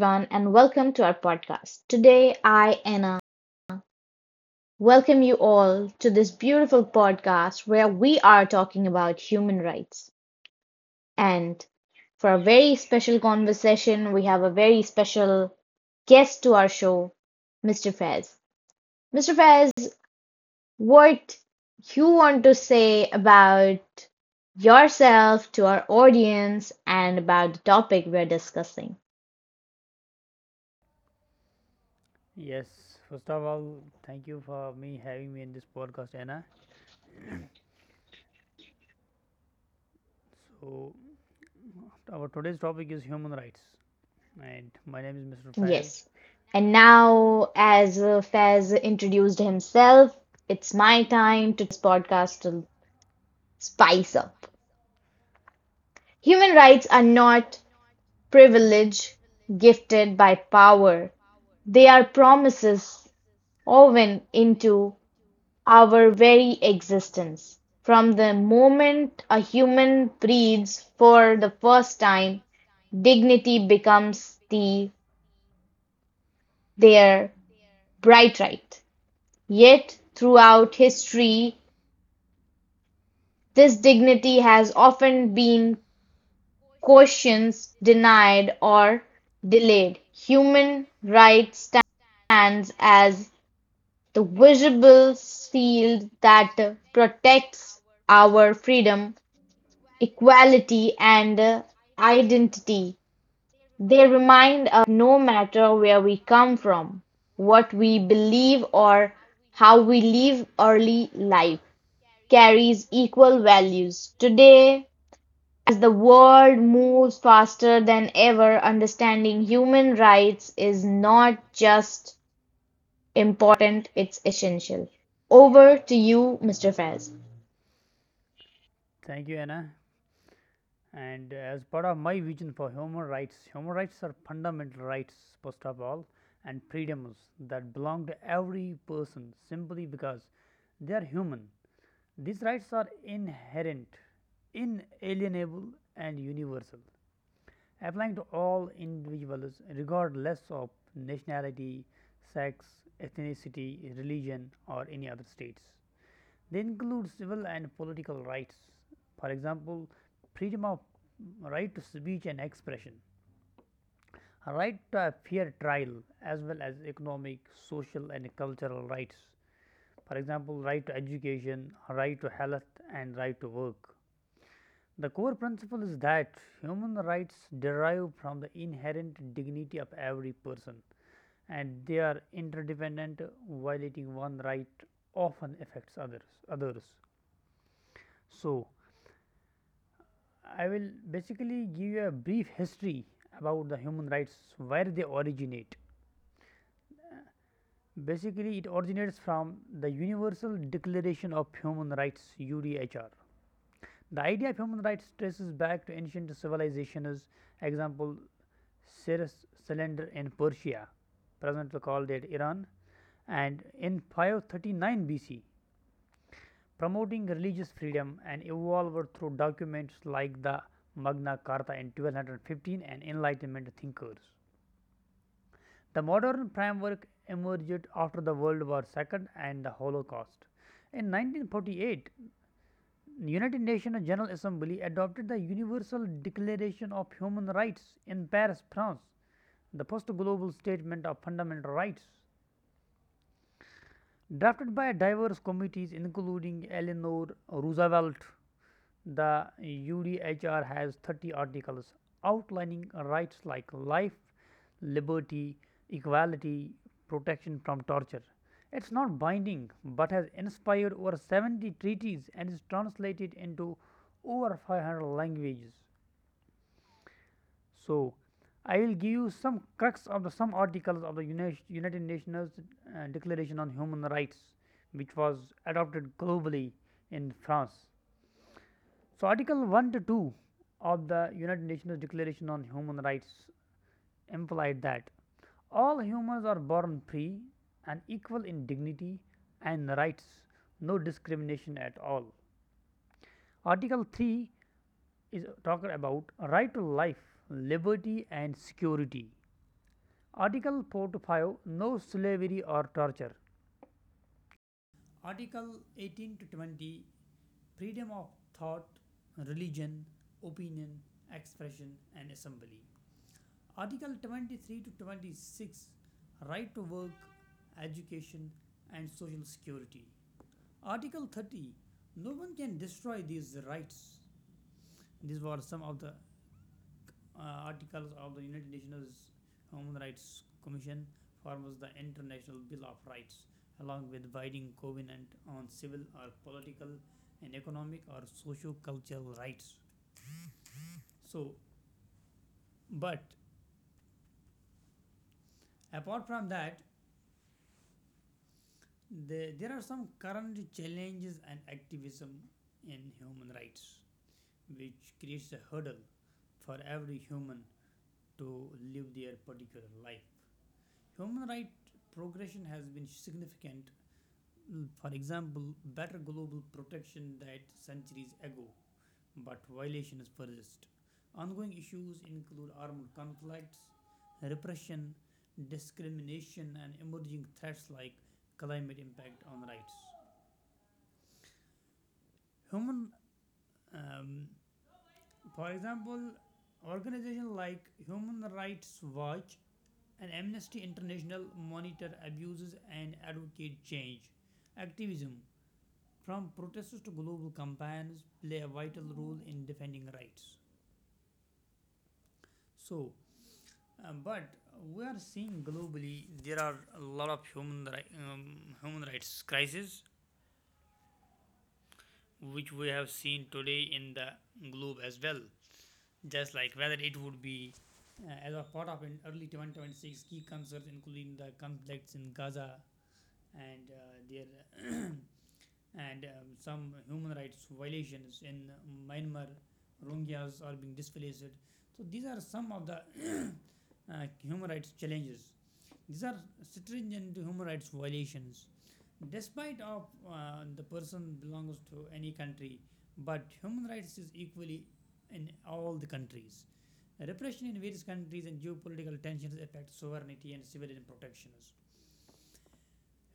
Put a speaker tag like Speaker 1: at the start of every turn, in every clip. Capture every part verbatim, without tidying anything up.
Speaker 1: And welcome to our podcast. Today, I, Anna, welcome you all to this beautiful podcast where we are talking about human rights. And for a very special conversation, we have a very special guest to our show, mister Fez. mister Fez, what you want to say about yourself to our audience and about the topic we're discussing?
Speaker 2: Yes, first of all, thank you for me having me in this podcast, Anna. So, our today's topic is human rights, and my name is Mister Faiz.
Speaker 1: Yes. And now, as uh, Fez introduced himself, it's my time to this podcast to spice up. Human rights are not privilege gifted by power, they are promises woven into our very existence. From the moment a human breathes for the first time, dignity becomes the, their bright right. Yet, throughout history, this dignity has often been questioned, denied, or delayed. Human rights stands as the visible shield that protects our freedom, equality, and identity. They remind no matter where we come from, what we believe, or how we live early life, carries equal values. Today, the world moves faster than ever, understanding human rights is not just important, it's essential. Over to you, mister Faiz.
Speaker 2: Thank you, Anna. And as part of my vision for human rights, human rights are fundamental rights, first of all, and freedoms that belong to every person simply because they are human. These rights are inherent, inalienable, and universal, applying to all individuals regardless of nationality, sex, ethnicity, religion, or any other states. They include civil and political rights, for example, freedom of right to speech and expression, a right to a fair trial, as well as economic, social, and cultural rights, for example, right to education, right to health, and right to work. The core principle is that human rights derive from the inherent dignity of every person, and they are interdependent. Violating one right often affects others others So I will basically give you a brief history about the human rights, where they originate. Basically, it originates from the Universal Declaration of Human Rights, UDHR. The idea of human rights traces back to ancient civilizations, example Cyrus cylinder in Persia, presently called it Iran, and in five thirty-nine B C, promoting religious freedom, and evolved through documents like the Magna Carta in one thousand two hundred fifteen and Enlightenment thinkers. The modern framework emerged after the World War the Second and the Holocaust. In nineteen forty-eight, United Nations General Assembly adopted the Universal Declaration of Human Rights in Paris, France, the first global statement of fundamental rights. Drafted by diverse committees including Eleanor Roosevelt, the U D H R has thirty articles outlining rights like life, liberty, equality, protection from torture. It's not binding but has inspired over seventy treaties and is translated into over five hundred languages. So, I will give you some crux of the some articles of the Unis- United Nations uh, Declaration on Human Rights, which was adopted globally in France. So, Article one to two of the United Nations Declaration on Human Rights implied that all humans are born free and equal in dignity and rights, no discrimination at all. Article three is talking about right to life, liberty, and security. Article four to five, no slavery or torture. Article eighteen to twenty, freedom of thought, religion, opinion, expression, and assembly. Article twenty-three to twenty-six, right to work, education, and social security. Article thirty, no one can destroy these rights. These were some of the uh, articles of the United Nations Human Rights Commission, forms the International Bill of Rights, along with binding covenant on civil or political and economic or socio-cultural rights. So, but apart from that, the, there are some current challenges and activism in human rights, which creates a hurdle for every human to live their particular life. Human right progression has been significant, for example, better global protection that centuries ago, but violations persist. Ongoing issues include armed conflicts, repression, discrimination, and emerging threats like climate impact on rights. Human, um, for example, organizations like Human Rights Watch and Amnesty International monitor abuses and advocate change. Activism, from protesters to global campaigns, play a vital role in defending rights. So, uh, but we are seeing globally there are a lot of human ri- um, human rights crises which we have seen today in the globe as well. Just like whether it would be uh, as a part of an early twenty twenty-six, key concerns including the conflicts in Gaza, and uh, their and um, some human rights violations in Myanmar. Rohingyas are being displaced. So these are some of the uh, human rights challenges. These are stringent human rights violations. Despite of uh, the person belongs to any country, but human rights is equally in all the countries. Repression in various countries and geopolitical tensions affect sovereignty and civilian protections.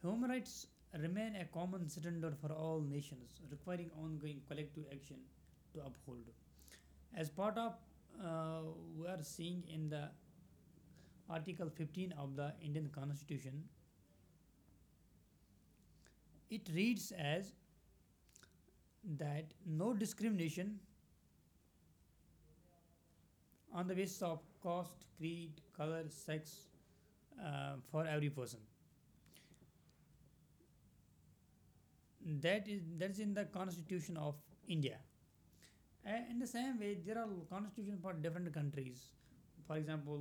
Speaker 2: Human rights remain a common standard for all nations, requiring ongoing collective action to uphold. As part of uh, we are seeing in the Article fifteen of the Indian Constitution, it reads as that no discrimination on the basis of caste, creed, color, sex uh, for every person. That is that is in the Constitution of India. Uh, in the same way, there are constitutions for different countries. For example,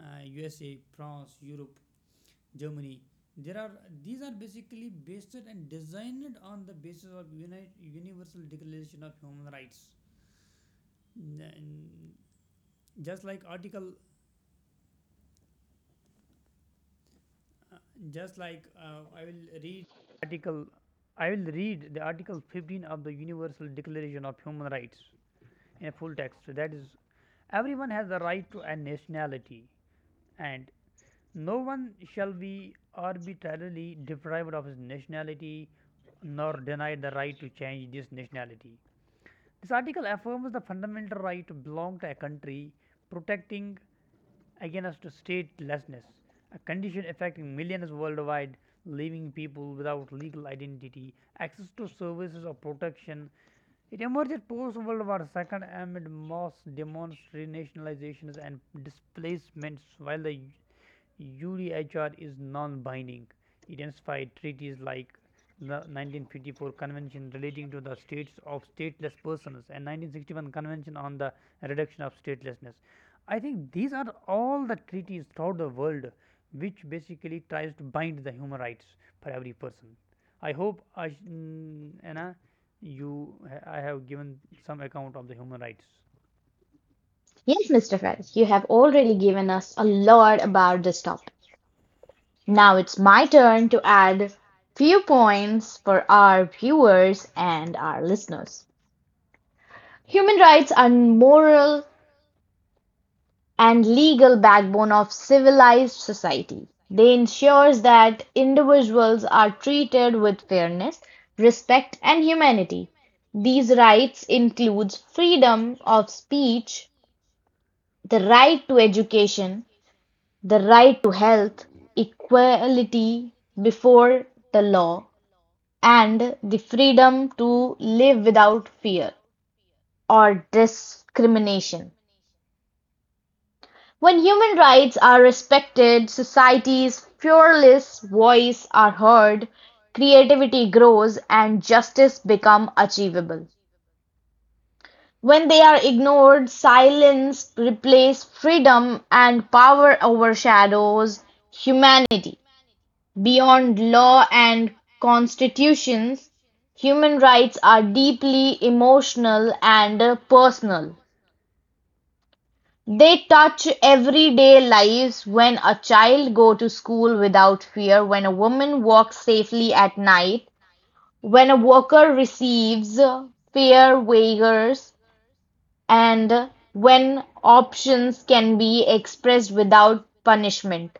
Speaker 2: uh, U S A, France, Europe, Germany. There are these are basically based and designed on the basis of uni- Universal Declaration of Human Rights. N- Just like Article just like uh, I will read article I will read the article fifteen of the Universal Declaration of Human Rights in a full text, that is, everyone has the right to a nationality and no one shall be arbitrarily deprived of his nationality nor denied the right to change this nationality. This article affirms the fundamental right to belong to a country, protecting against statelessness, a condition affecting millions worldwide, leaving people without legal identity, access to services or protection. It emerged post World War Two amid mass demonstrations and displacements, while the U D H R is non binding. It inspired treaties like the nineteen fifty-four Convention relating to the status of stateless persons and nineteen sixty-one Convention on the reduction of statelessness. I think these are all the treaties throughout the world which basically tries to bind the human rights for every person. I hope I sh- mm, you know, you I have given some account of the human rights.
Speaker 1: Yes, mister Fries, you have already given us a lot about this topic. Now it's my turn to add few points for our viewers and our listeners. Human rights are moral and legal backbone of civilized society. They ensures that individuals are treated with fairness, respect and humanity. These rights includes freedom of speech, the right to education, the right to health, equality before the law, and the freedom to live without fear or discrimination. When human rights are respected, society's fearless voice are heard, creativity grows, and justice become achievable. When they are ignored, silence replaces freedom and power overshadows humanity. Beyond law and constitutions, human rights are deeply emotional and personal. They touch everyday lives when a child goes to school without fear, when a woman walks safely at night, when a worker receives fair wages, and when options can be expressed without punishment.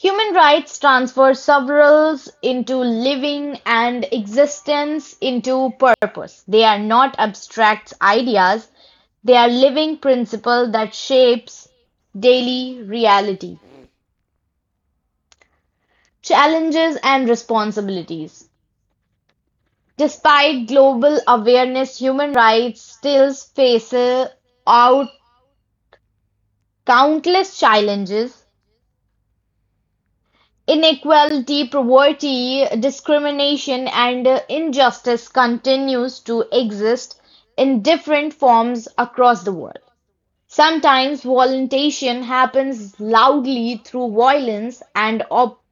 Speaker 1: Human rights transfer sovereigns into living, and existence into purpose. They are not abstract ideas, they are living principle that shapes daily reality, challenges and responsibilities. Despite global awareness, human rights still face out countless challenges. Inequality, poverty, discrimination and uh, injustice continues to exist in different forms across the world. Sometimes violation happens loudly through violence and op-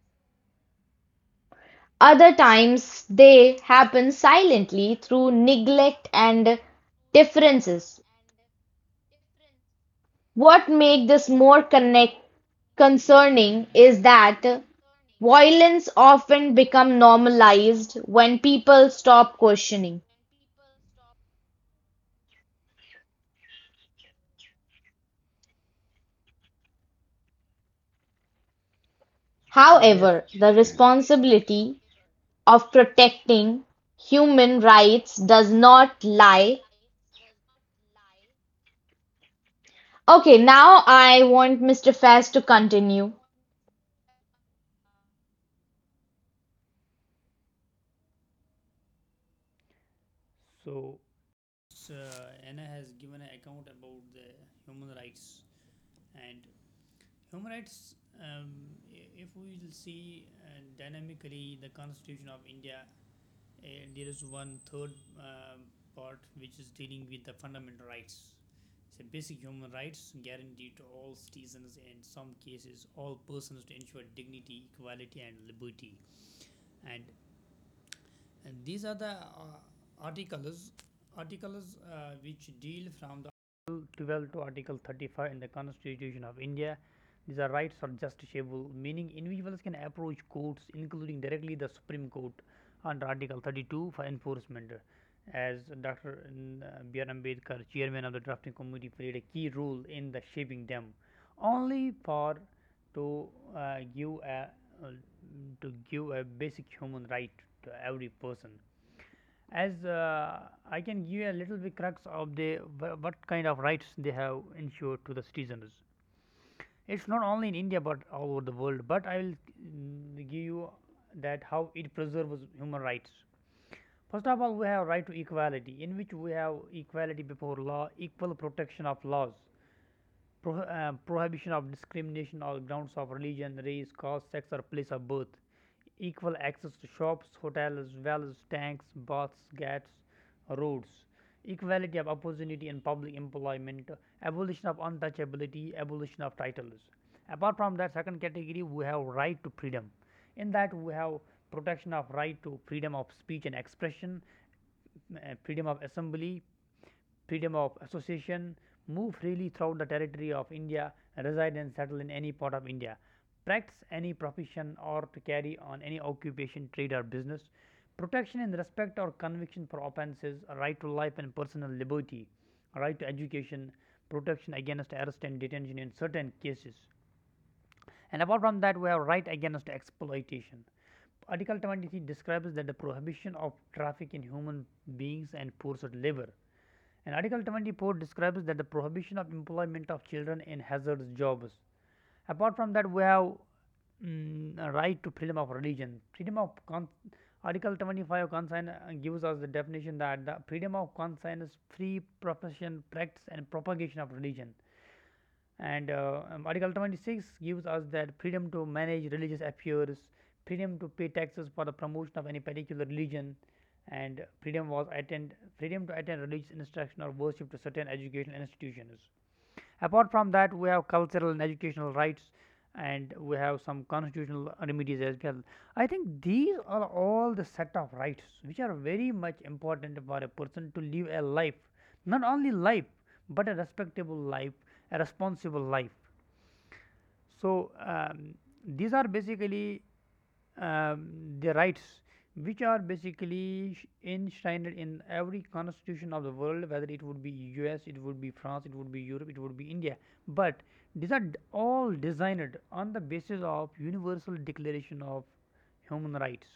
Speaker 1: other times they happen silently through neglect and differences. What makes this more connect concerning is that violence often becomes normalized when people stop questioning,
Speaker 2: Yes,
Speaker 1: however, the responsibility of protecting human rights does not lie. Okay, now I want mister Faz to continue.
Speaker 2: so So, Anna has given an account about the human rights and human rights. Um, if we will see uh, dynamically the Constitution of India, uh, there is one third uh, part which is dealing with the fundamental rights. So, basic human rights guaranteed to all citizens, in some cases, all persons, to ensure dignity, equality, and liberty. And And these are the uh, articles, articles uh, which deal from the Article twelve to Article thirty-five in the Constitution of India. These are rights are justiciable, meaning individuals can approach courts, including directly the Supreme Court, under Article thirty-two for enforcement. As Doctor N- uh, B R. Ambedkar, chairman of the drafting committee, played a key role in the shaping them. Only for to uh, give a uh, to give a basic human right to every person, as uh, I can give a little bit crux of the what kind of rights they have ensured to the citizens, it's not only in India but all over the world. But I will mm, give you that how it preserves human rights. First of all, we have right to equality, in which we have equality before law, equal protection of laws, pro- uh, prohibition of discrimination on grounds of religion, race, caste, sex, or place of birth, equal access to shops, hotels, wells, tanks, baths, ghats, roads, equality of opportunity in public employment, abolition of untouchability, abolition of titles. Apart from that, second category, we have right to freedom. In that, we have protection of right to freedom of speech and expression, uh, freedom of assembly, freedom of association, move freely throughout the territory of India, reside and settle in any part of India, practice any profession or to carry on any occupation, trade, or business, protection in respect or conviction for offences, right to life and personal liberty, right to education, protection against arrest and detention in certain cases. And apart from that, we have right against exploitation. Article twenty-three describes that the prohibition of traffic in human beings and forced labor. And Article twenty-four describes that the prohibition of employment of children in hazardous jobs. Apart from that, we have mm, a right to freedom of religion. Freedom of con- Article twenty-five of conscience uh, gives us the definition that the freedom of conscience is free profession, practice, and propagation of religion, and uh, um, Article twenty-six gives us that freedom to manage religious affairs, freedom to pay taxes for the promotion of any particular religion, and freedom was attend freedom to attend religious instruction or worship to certain educational institutions. Apart from that, we have cultural and educational rights, and we have some constitutional remedies as well. I think these are all the set of rights which are very much important for a person to live a life, not only life, but a respectable life, a responsible life. So, um, these are basically um, the rights which are basically sh- enshrined in every constitution of the world, whether it would be US, it would be France, it would be Europe, it would be India, but these are d- all designed on the basis of Universal Declaration of Human Rights,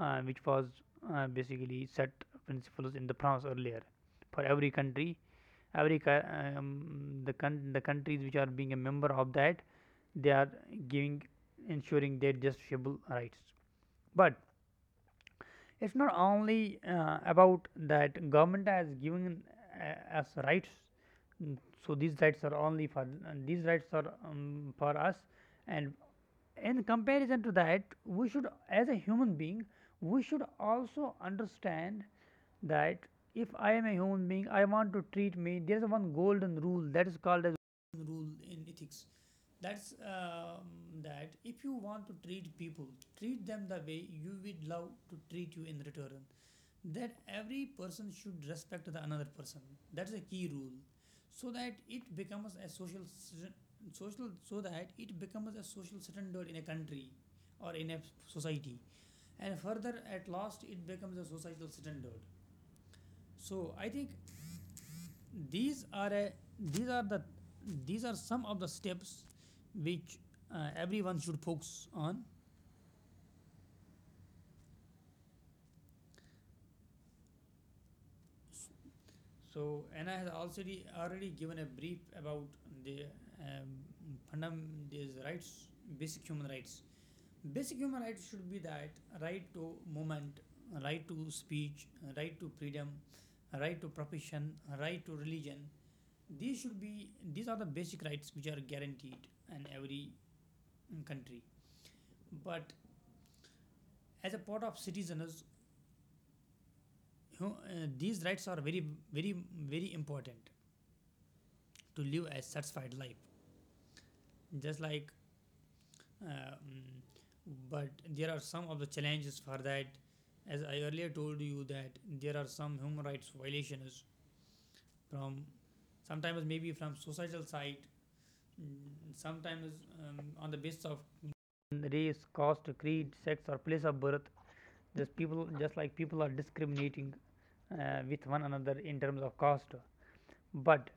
Speaker 2: uh, which was uh, basically set principles in the France earlier. For every country, every um, the con- the countries which are being a member of that, they are giving ensuring their justiciable rights. But it's not only uh, about that government has given uh, us rights. mm, So these rights are only for and these rights are um, for us, and in comparison to that, we should, as a human being, we should also understand that if I am a human being, I want to treat me. There is one golden rule that is called as rule in ethics that's um, that if you want to treat people treat them the way you would love to treat you in return, that every person should respect the another person. That's a key rule, so that it becomes a social s- social so that it becomes a social standard in a country or in a society, and further at last it becomes a societal standard. So I think these are a, these are the these are some of the steps which uh, everyone should focus on. So Anna has already already given a brief about the um, fundam these rights, basic human rights. Basic human rights should be that right to movement, right to speech, right to freedom, right to profession, right to religion. These should be, these are the basic rights which are guaranteed in every country, but as a part of citizens, you uh, these rights are very, very, very important to live a satisfied life. Just like, um, but there are some of the challenges for that. As I earlier told you, that there are some human rights violations from, sometimes maybe from societal side. Mm, sometimes um, on the basis of race, caste, creed, sex, or place of birth. Just people, just like people are discriminating uh, with one another in terms of caste. But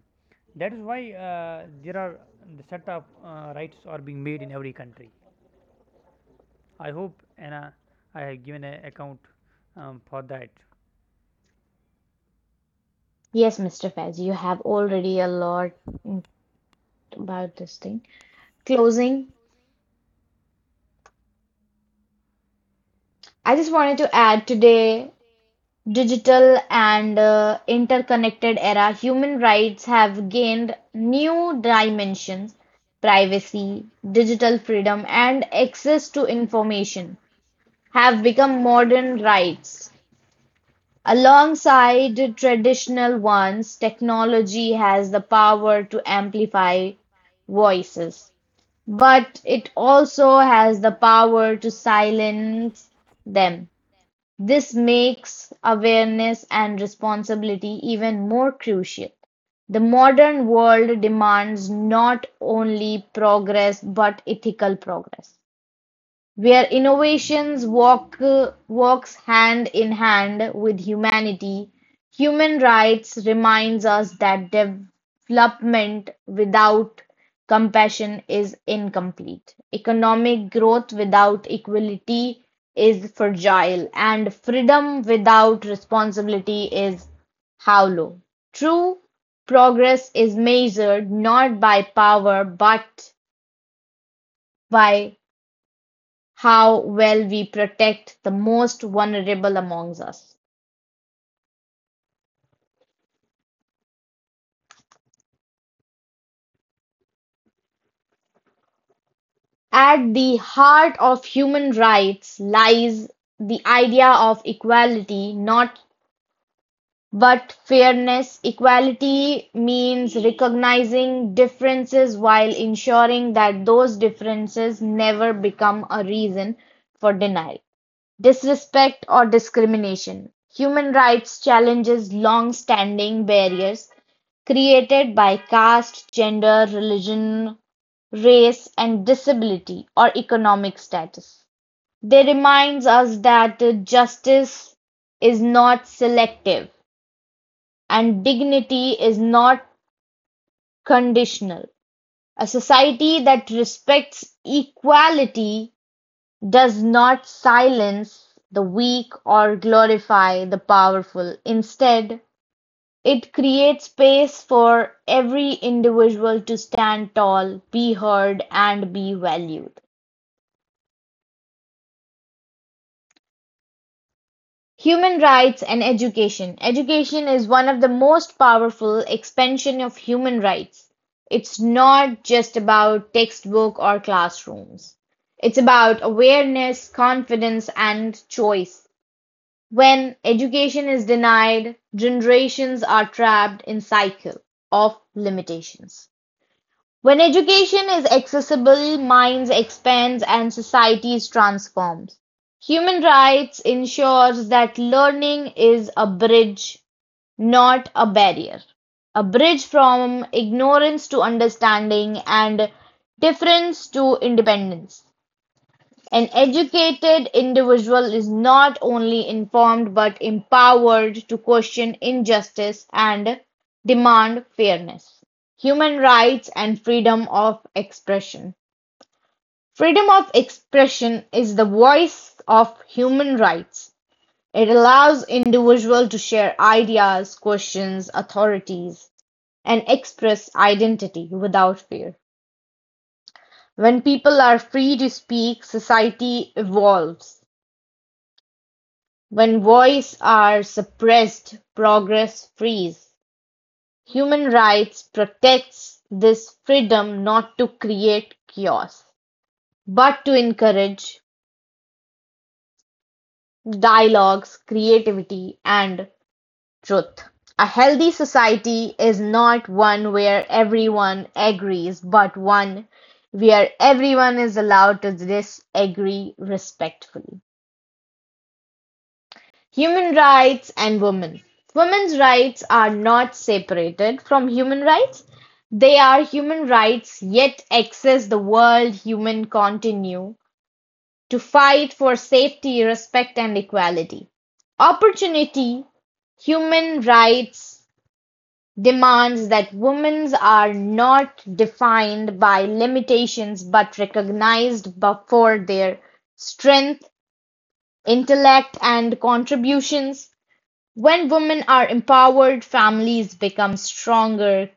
Speaker 2: that is why uh, there are the set of uh, rights are being made in every country. I hope Anna, I have given an account um, for that.
Speaker 1: Yes, mister Faiz, you have already a lot mm, about this thing. Closing, I just wanted to add today, digital and uh, interconnected era, human rights have gained new dimensions. Privacy, digital freedom, and access to information have become modern rights. Alongside traditional ones, technology has the power to amplify voices but it also has the power to silence them. This makes awareness and responsibility even more crucial. The modern world demands not only progress but ethical progress where innovations walk uh, walks hand in hand with humanity, human rights reminds us that development without compassion is incomplete. Economic growth without equality is fragile, and freedom without responsibility is hollow. True progress is measured not by power but by how well we protect the most vulnerable amongst us. At the heart of human rights lies the idea of equality, not but fairness. Equality means recognizing differences while ensuring that those differences never become a reason for denial. Disrespect or discrimination: human rights challenges long-standing barriers created by caste, gender, religion, race, and disability or economic status. They reminds us that justice is not selective and dignity is not conditional. A society that respects equality does not silence the weak or glorify the powerful. Instead, it creates space for every individual to stand tall, be heard, and be valued. Human rights and education. Education is one of the most powerful expansion of human rights. It's not just about textbook or classrooms. It's about awareness, confidence, and choice. When education is denied, generations are trapped in cycle of limitations. When education is accessible, minds expand and societies transform. Human rights ensures that learning is a bridge, not a barrier. A bridge from ignorance to understanding and difference to independence. An educated individual is not only informed but empowered to question injustice and demand fairness, human rights, and freedom of expression. Freedom of expression is the voice of human rights. It allows individuals to share ideas, questions authorities, and express identity without fear. When people are free to speak, society evolves. When voices are suppressed, progress frees. Human rights protects this freedom not to create chaos, but to encourage dialogues, creativity, and truth. A healthy society is not one where everyone agrees, but one where everyone is allowed to disagree respectfully. Human rights and women. Women's rights are not separated from human rights. They are human rights yet access the world human continue to fight for safety, respect and equality. Opportunity human rights demands that women are not defined by limitations but recognized bu- for their strength, intellect and contributions when women are empowered, families become stronger,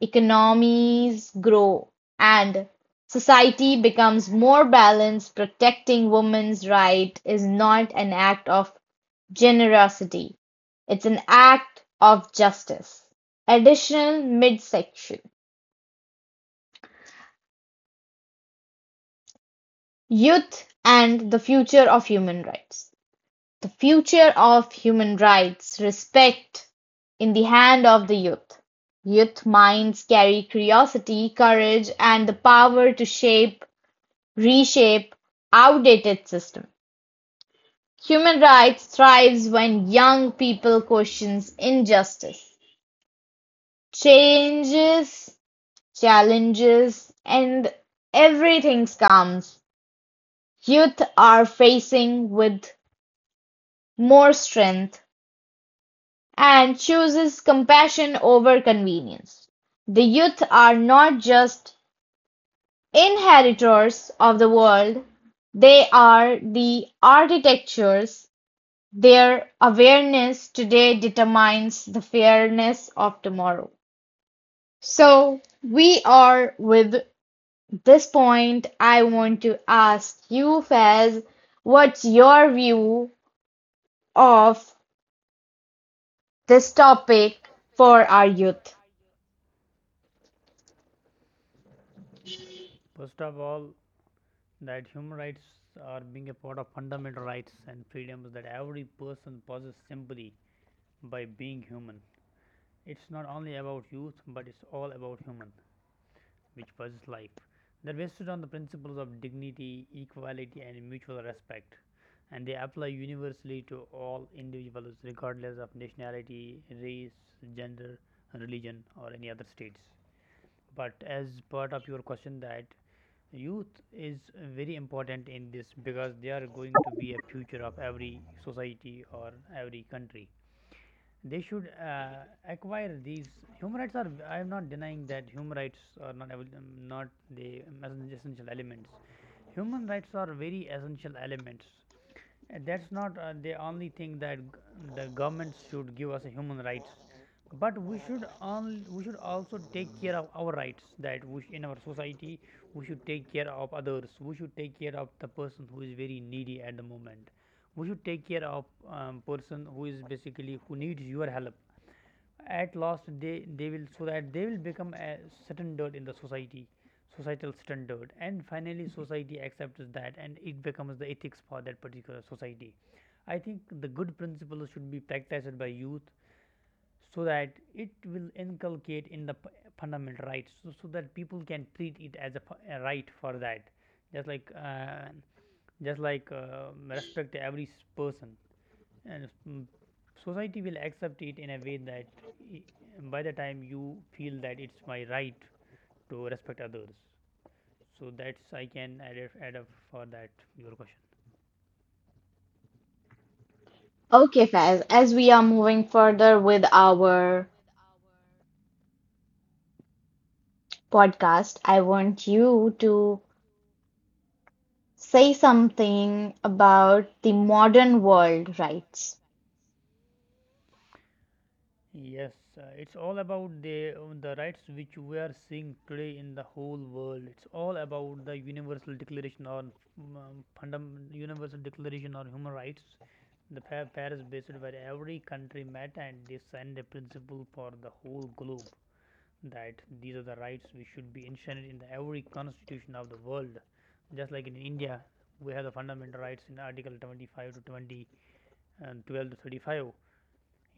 Speaker 1: economies grow, and society becomes more balanced. Protecting women's rights is not an act of generosity, it's an act of justice. Additional midsection youth and the future of human rights. The future of human rights respect in the hand of the youth. Youth minds carry curiosity, courage, and the power to shape, reshape outdated system. Human rights thrives when young people questions injustice, changes, challenges, and everything comes. Youth are facing with more strength and chooses compassion over convenience. The youth are not just inheritors of the world, they are the architectures. Their awareness today determines the fairness of tomorrow. So, we are with this point. I want to ask you, Faz, what's your view of this topic for our youth?
Speaker 2: First of all, that human rights are being a part of fundamental rights and freedoms that every person possesses simply by being human. It's not only about youth, but it's all about human, which was life. They're based on the principles of dignity, equality, and mutual respect, and they apply universally to all individuals, regardless of nationality, race, gender, religion, or any other states. But as part of your question, that youth is very important in this, because they are going to be a future of every society or every country. They should uh, acquire these human rights. Are i am not denying that human rights are not avail- um, not the um, essential elements. Human rights are very essential elements. Uh, That's not uh, the only thing that g- the government should give us a human rights, but we should on, we should also take care of our rights. That we sh- in our society we should take care of others. We should take care of the person who is very needy at the moment. We should take care of um, person who is basically who needs your help. At last, they they will, so that they will become a standard in the society, societal standard, and finally society accepts that, and it becomes the ethics for that particular society. I think the good principles should be practiced by youth, so that it will inculcate in the p- fundamental rights, so, so that people can treat it as a, p- a right for that. Just like uh, just like uh, respect every person, and mm, society will accept it in a way that i- by the time you feel that it's my right to respect others. So that's, I can add, up- add up for that your question.
Speaker 1: Okay, Faz, as we are moving further with our podcast, I want you to say something about the modern world rights.
Speaker 2: Yes, uh, it's all about the uh, the rights which we are seeing today in the whole world. It's all about the universal declaration on um, fundam- universal declaration on human rights, the Pa- paris based, where every country met and they signed a principle for the whole globe that these are the rights which should be enshrined in the every constitution of the world. Just like in India, we have the fundamental rights in Article twenty-five to twenty and twelve to thirty-five,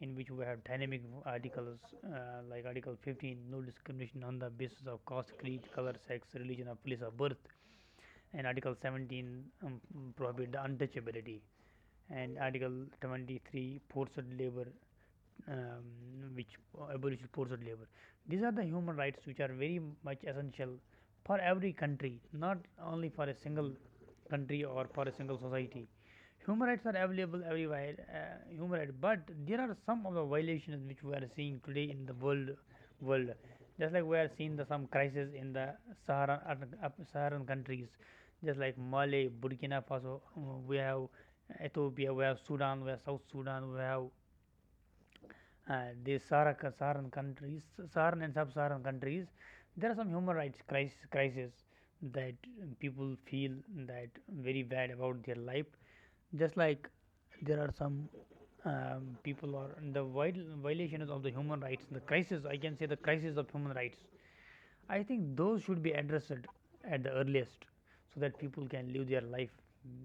Speaker 2: in which we have dynamic articles uh, like Article fifteen, no discrimination on the basis of caste, creed, color, sex, religion, or place of birth, and Article seventeen um, prohibit the untouchability, and Article twenty-three forced labor um, which abolishes forced labor. These are the human rights which are very much essential for every country, not only for a single country or for a single society. Human rights are available everywhere, uh, human rights, but there are some of the violations which we are seeing today in the world. World, just like we are seeing the, some crisis in the Saharan uh, uh, Saharan countries, just like Mali, Burkina Faso, uh, we have Ethiopia, we have Sudan, we have South Sudan, we have uh, these S A R C, SARN countries, SARN and sub-S A R N countries. There are some human rights crisis, crisis that people feel that very bad about their life. Just like there are some um, people or the viol- violations of the human rights, the crisis. I can say the crisis of human rights. I think those should be addressed at the earliest, so that people can live their life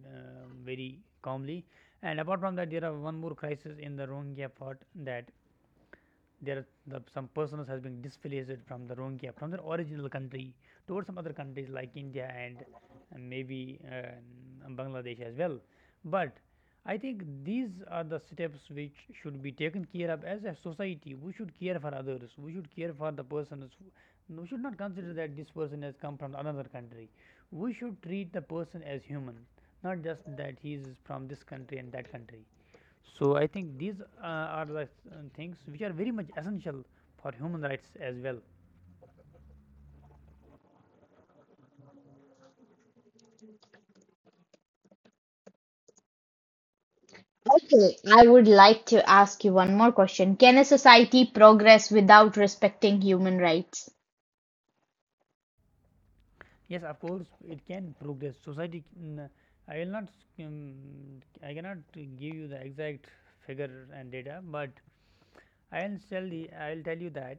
Speaker 2: uh, very calmly. And apart from that, there are one more crisis in the Rohingya part, that there are the, some persons has been displaced from the Rohingya from their original country towards some other countries like India, and, and maybe uh, Bangladesh as well. But I think these are the steps which should be taken care of as a society. We should care for others. We should care for the persons. We should not consider that this person has come from another country. We should treat the person as human, not just that he is from this country and that country. So I think these uh, are the uh, things which are very much essential for human rights as well.
Speaker 1: Okay, I would like to ask you one more question. Can a society progress without respecting human rights?
Speaker 2: Yes, of course it can progress. Society can, uh, I will not um, I cannot give you the exact figure and data, but I will tell the I will tell you that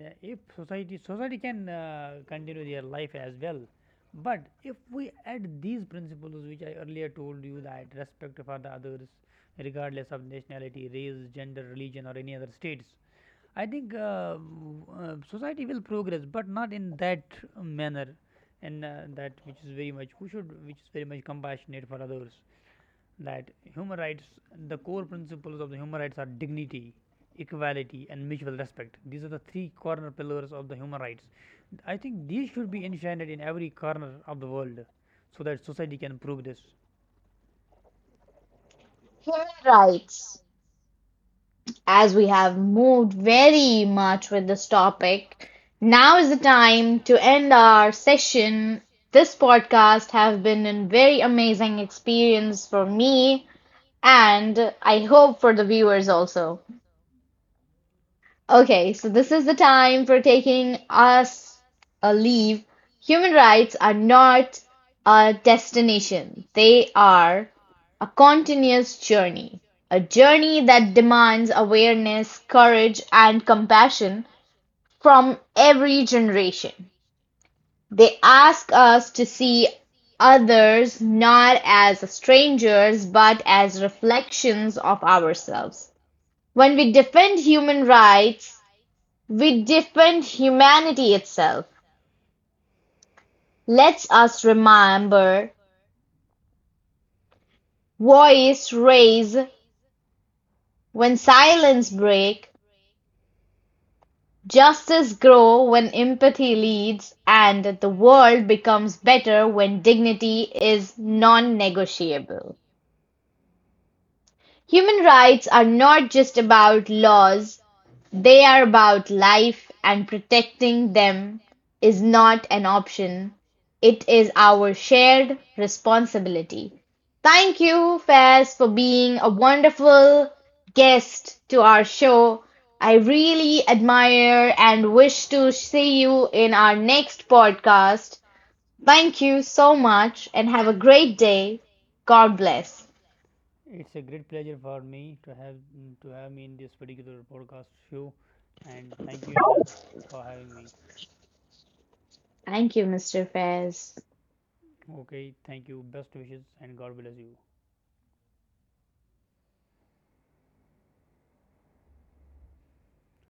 Speaker 2: the- if society, society can uh, continue their life as well, but if we add these principles which I earlier told you, that respect for the others regardless of nationality, race, gender, religion, or any other states, I think uh, w- uh, society will progress, but not in that manner, and uh, that which is very much, we should, which is very much compassionate for others. That human rights, the core principles of the human rights are dignity, equality, and mutual respect. These are the three corner pillars of the human rights. I think these should be enshrined in every corner of the world, so that society can progress.
Speaker 1: Human rights, as we have moved very much with this topic, now is the time to end our session. This podcast has been a very amazing experience for me and I hope for the viewers also. Okay, so this is the time for taking us a leave. Human rights are not a destination, they are a continuous journey, a journey that demands awareness, courage, and compassion from every generation. They ask us to see others not as strangers but as reflections of ourselves. When we defend human rights, we defend humanity itself; let us remember: voice raise when silence break, justice grow when empathy leads, and the world becomes better when dignity is non-negotiable. Human rights are not just about laws, they are about life, and protecting them is not an option. It is our shared responsibility. Thank you, Faiz, for being a wonderful guest to our show. I really admire and wish to see you in our next podcast. Thank you so much and have a great day. God bless.
Speaker 2: It's a great pleasure for me to have to have me in this particular podcast show, and thank you Anna for having me.
Speaker 1: Thank you, mister Faiz.
Speaker 2: Okay, thank you. Best wishes and God bless you.